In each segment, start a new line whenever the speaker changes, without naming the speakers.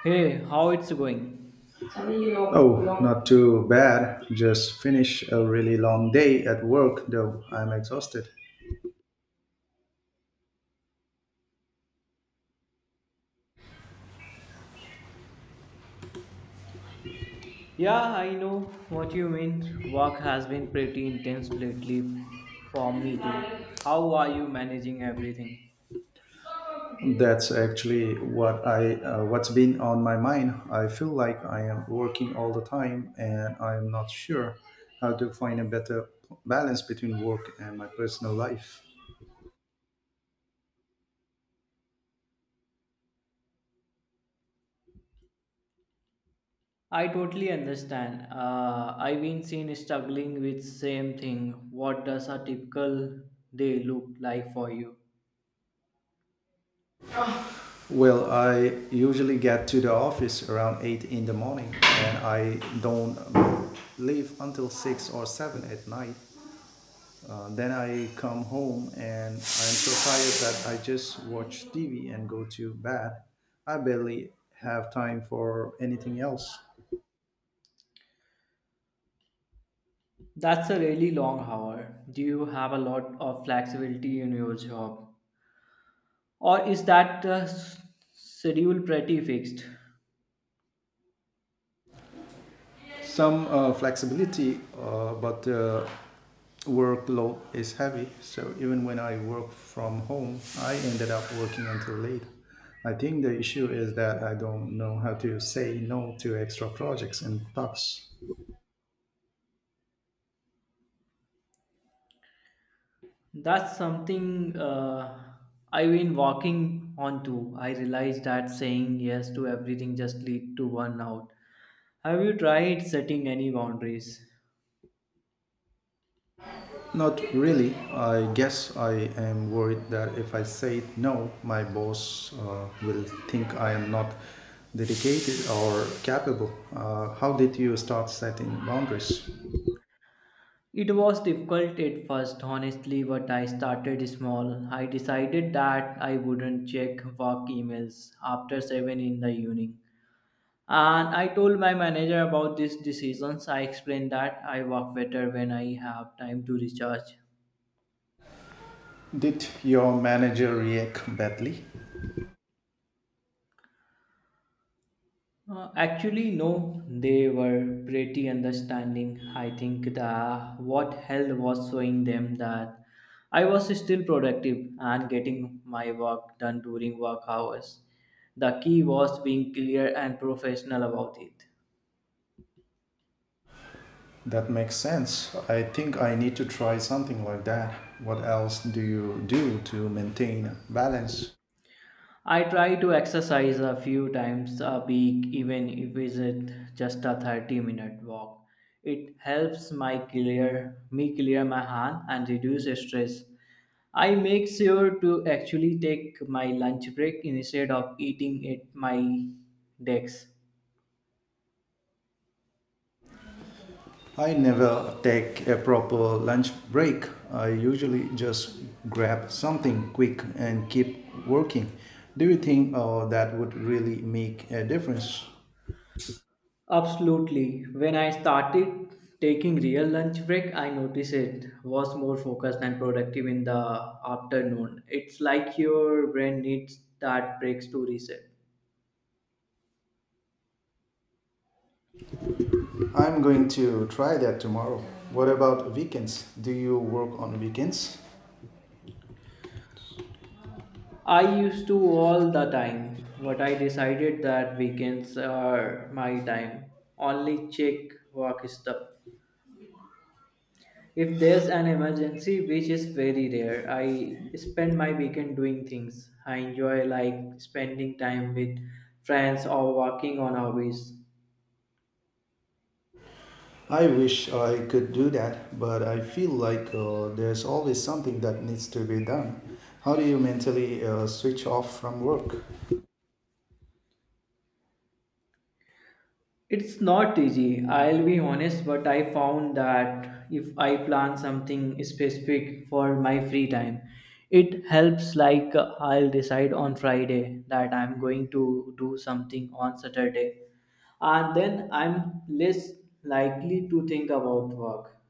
Hey, how it's going?
Oh, not too bad. Just finished a really long day at work, though I'm exhausted.
Yeah, I know what you mean. Work has been pretty intense for me too. How are you managing everything?
That's actually what I what's been on my mind. I feel like I am working all the time and I'm not sure how to find a better balance between work and my personal life.
I totally understand. I've been seen struggling with same thing. What does a typical day look like for you?
Well, I usually get to the office around 8 in the morning and I don't leave until 6 or 7 at night. Then I come home and I'm so tired that I just watch TV and go to bed. I barely have time for anything else.
That's a really long hour. Do you have a lot of flexibility in your job? Or is that schedule pretty fixed?
Some flexibility, but workload is heavy. So even when I work from home, I ended up working until late. I think the issue is that I don't know how to say no to extra projects and tasks.
That's something I've been walking onto. I realized that saying yes to everything just lead to burnout. Have you tried setting any boundaries?
Not really. I guess I am worried that if I say no, my boss will think I am not dedicated or capable. How did you start setting boundaries?
It was difficult at first, honestly, but I started small. I decided that I wouldn't check work emails after 7 in the evening. And I told my manager about these decisions. I explained that I work better when I have time to recharge.
Did your manager react badly?
Actually, no, they were pretty understanding. I think the what held was showing them that I was still productive and getting my work done during work hours. The key was being clear and professional about it.
That makes sense. I think I need to try something like that. What else do you do to maintain balance?
I try to exercise a few times a week, even if it's just a 30-minute walk. It helps my clear me clear my hand and reduce stress. I make sure to actually take my lunch break instead of eating at my desk.
I never take a proper lunch break. I usually just grab something quick and keep working. Do you think that would really make a difference?
Absolutely. When I started taking real lunch break, I noticed it was more focused and productive in the afternoon. It's like your brain needs that breaks to reset.
I'm going to try that tomorrow. What about weekends? Do you work on weekends?
I used to all the time, but I decided that weekends are my time. Only check work stuff. If there's an emergency, which is very rare, I spend my weekend doing things I enjoy, like spending time with friends or working on hobbies.
I wish I could do that, but I feel like there's always something that needs to be done. How do you mentally switch off from work?
It's not easy, I'll be honest, but I found that if I plan something specific for my free time, it helps. Like, I'll decide on Friday that I'm going to do something on Saturday, and then I'm less likely to think about work.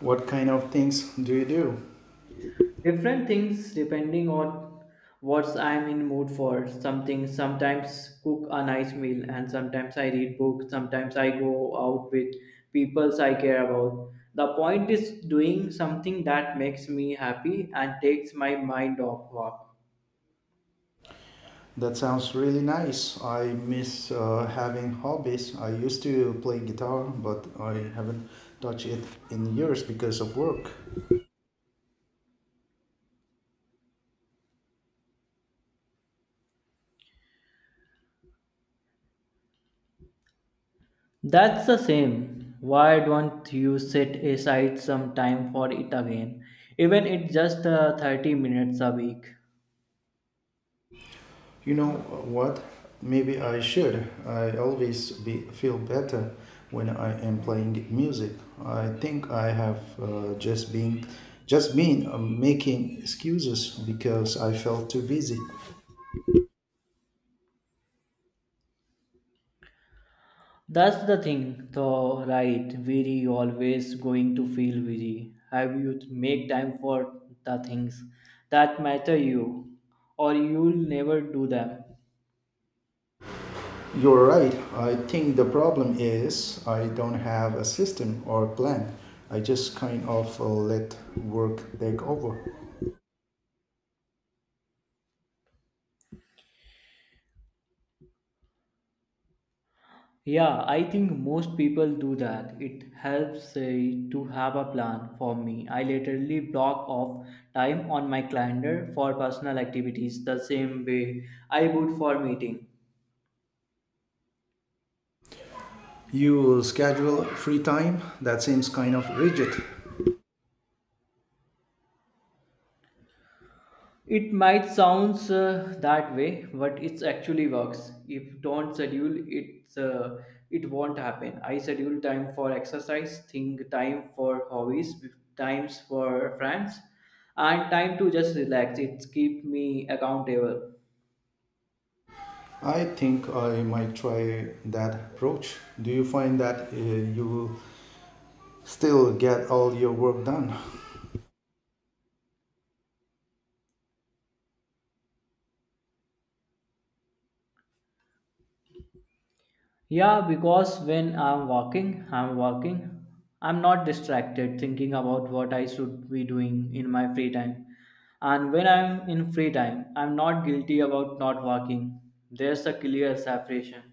What kind of things do you do?
Different things depending on what I'm in mood for something. Sometimes cook a nice meal, and sometimes I read books, sometimes I go out with people I care about. The point is doing something that makes me happy and takes my mind off work.
That sounds really nice. I miss having hobbies. I used to play guitar, but I haven't touched it in years because of work.
That's the same. Why don't you set aside some time for it again? Even it's just 30 minutes a week.
You know what? Maybe I should. I always be, feel better when I am playing music. I think I have just been just been making excuses because I felt too busy.
That's the thing, though, right? Weary, always going to feel weary. Have you to make time for the things that matter you, or you'll never do them?
You're right. I think the problem is I don't have a system or plan. I just kind of let work take over.
Yeah, I think most people do that. It helps to have a plan for me. I literally block off time on my calendar for personal activities the same way I would for meeting.
You schedule free time? That seems kind of rigid.
It might sounds that way, but it actually works. If don't schedule it, it won't happen. I schedule time for exercise, think time for hobbies, times for friends, and time to just relax. It keep me accountable.
I think I might try that approach. Do you find that you still get all your work done?
Yeah, because when I'm walking, I'm walking, I'm not distracted thinking about what I should be doing in my free time. And when I'm in free time, I'm not guilty about not walking. There's a clear separation.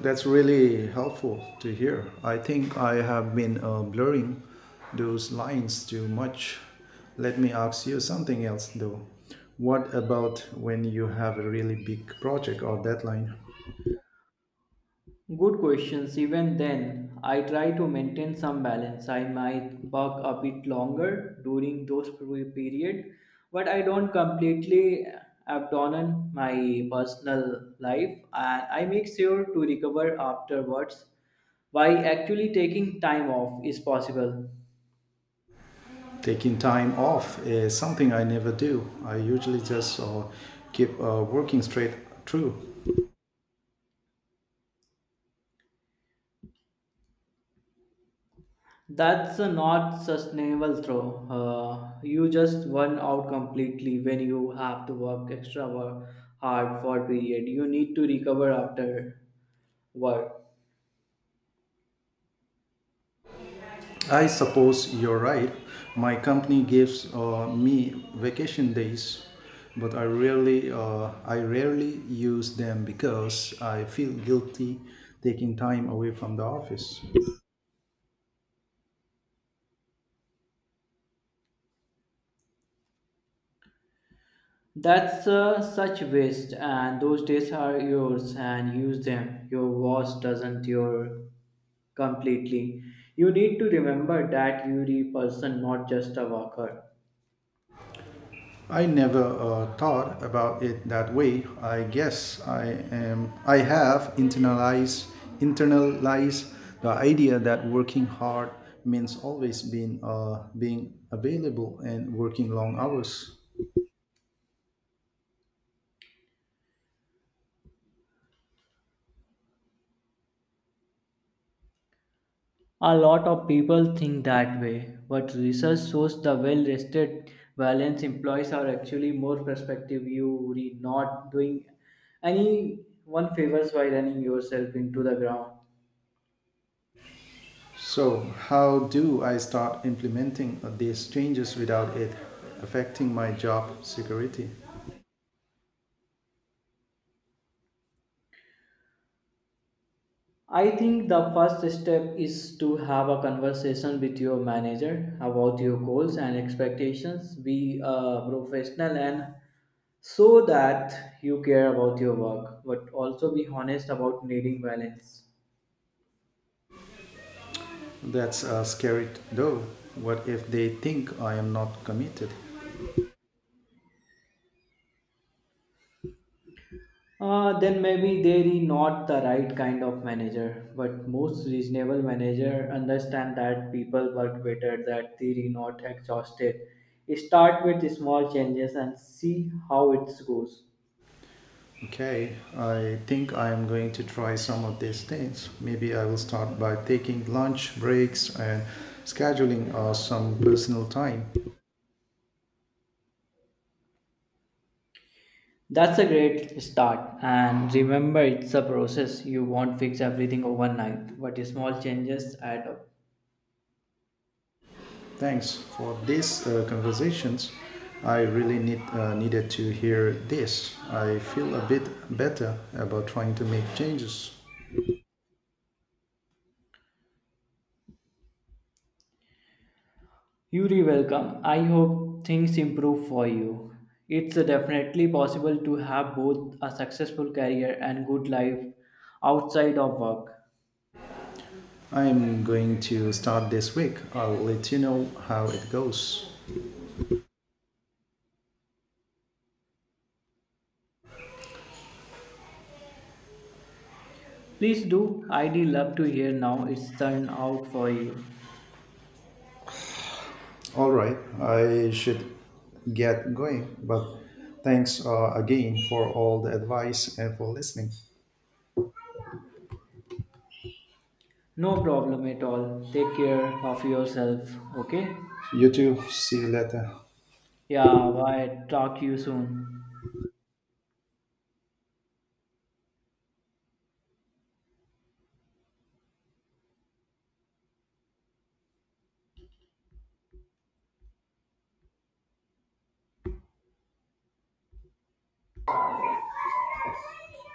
That's really helpful to hear. I think I have been blurring those lines too much. Let me ask you something else though. What about when you have a really big project or deadline?
Good questions. Even then, I try to maintain some balance. I might work a bit longer during those period, but I don't completely abandon my personal life, and I make sure to recover afterwards. By actually taking time off is possible.
Taking time off is something I never do. I usually just keep working straight through.
That's a not sustainable throw. You just burn out completely when you have to work extra work hard for a period. You need to recover after work.
I suppose you're right. My company gives me vacation days, but I rarely use them because I feel guilty taking time away from the office.
That's such waste, and those days are yours, and use them. Your boss doesn't your completely. You need to remember that you're a person, not just a worker.
I never thought about it that way. I guess I have internalized the idea that working hard means always being available and working long hours.
A lot of people think that way, but research shows the well rested, balanced employees are actually more prospective. You are not doing any one favors by running yourself into the ground.
So, how do I start implementing these changes without it affecting my job security?
I think the first step is to have a conversation with your manager about your goals and expectations. Be a professional and so that you care about your work, but also be honest about needing balance.
That's scary though. What if they think I am not committed?
Then maybe they're not the right kind of manager. But most reasonable manager understand that people work better, that they're not exhausted. Start with small changes and see how it goes.
Okay, I think I am going to try some of these things. Maybe I will start by taking lunch breaks and scheduling some personal time.
That's a great start. And remember, it's a process. You won't fix everything overnight, but small changes add up.
Thanks for these conversations. I really needed to hear this. I feel a bit better about trying to make changes.
Yuri, welcome. I hope things improve for you. It's definitely possible to have both a successful career and good life outside of work.
I'm going to start this week. I'll let you know how it goes.
Please do. I'd love to hear now it's turned out for you.
All right, I should get going, but thanks again for all the advice and for listening.
No problem at all. Take care of yourself, okay?
You too. See you later.
Yeah, bye. Talk to you soon.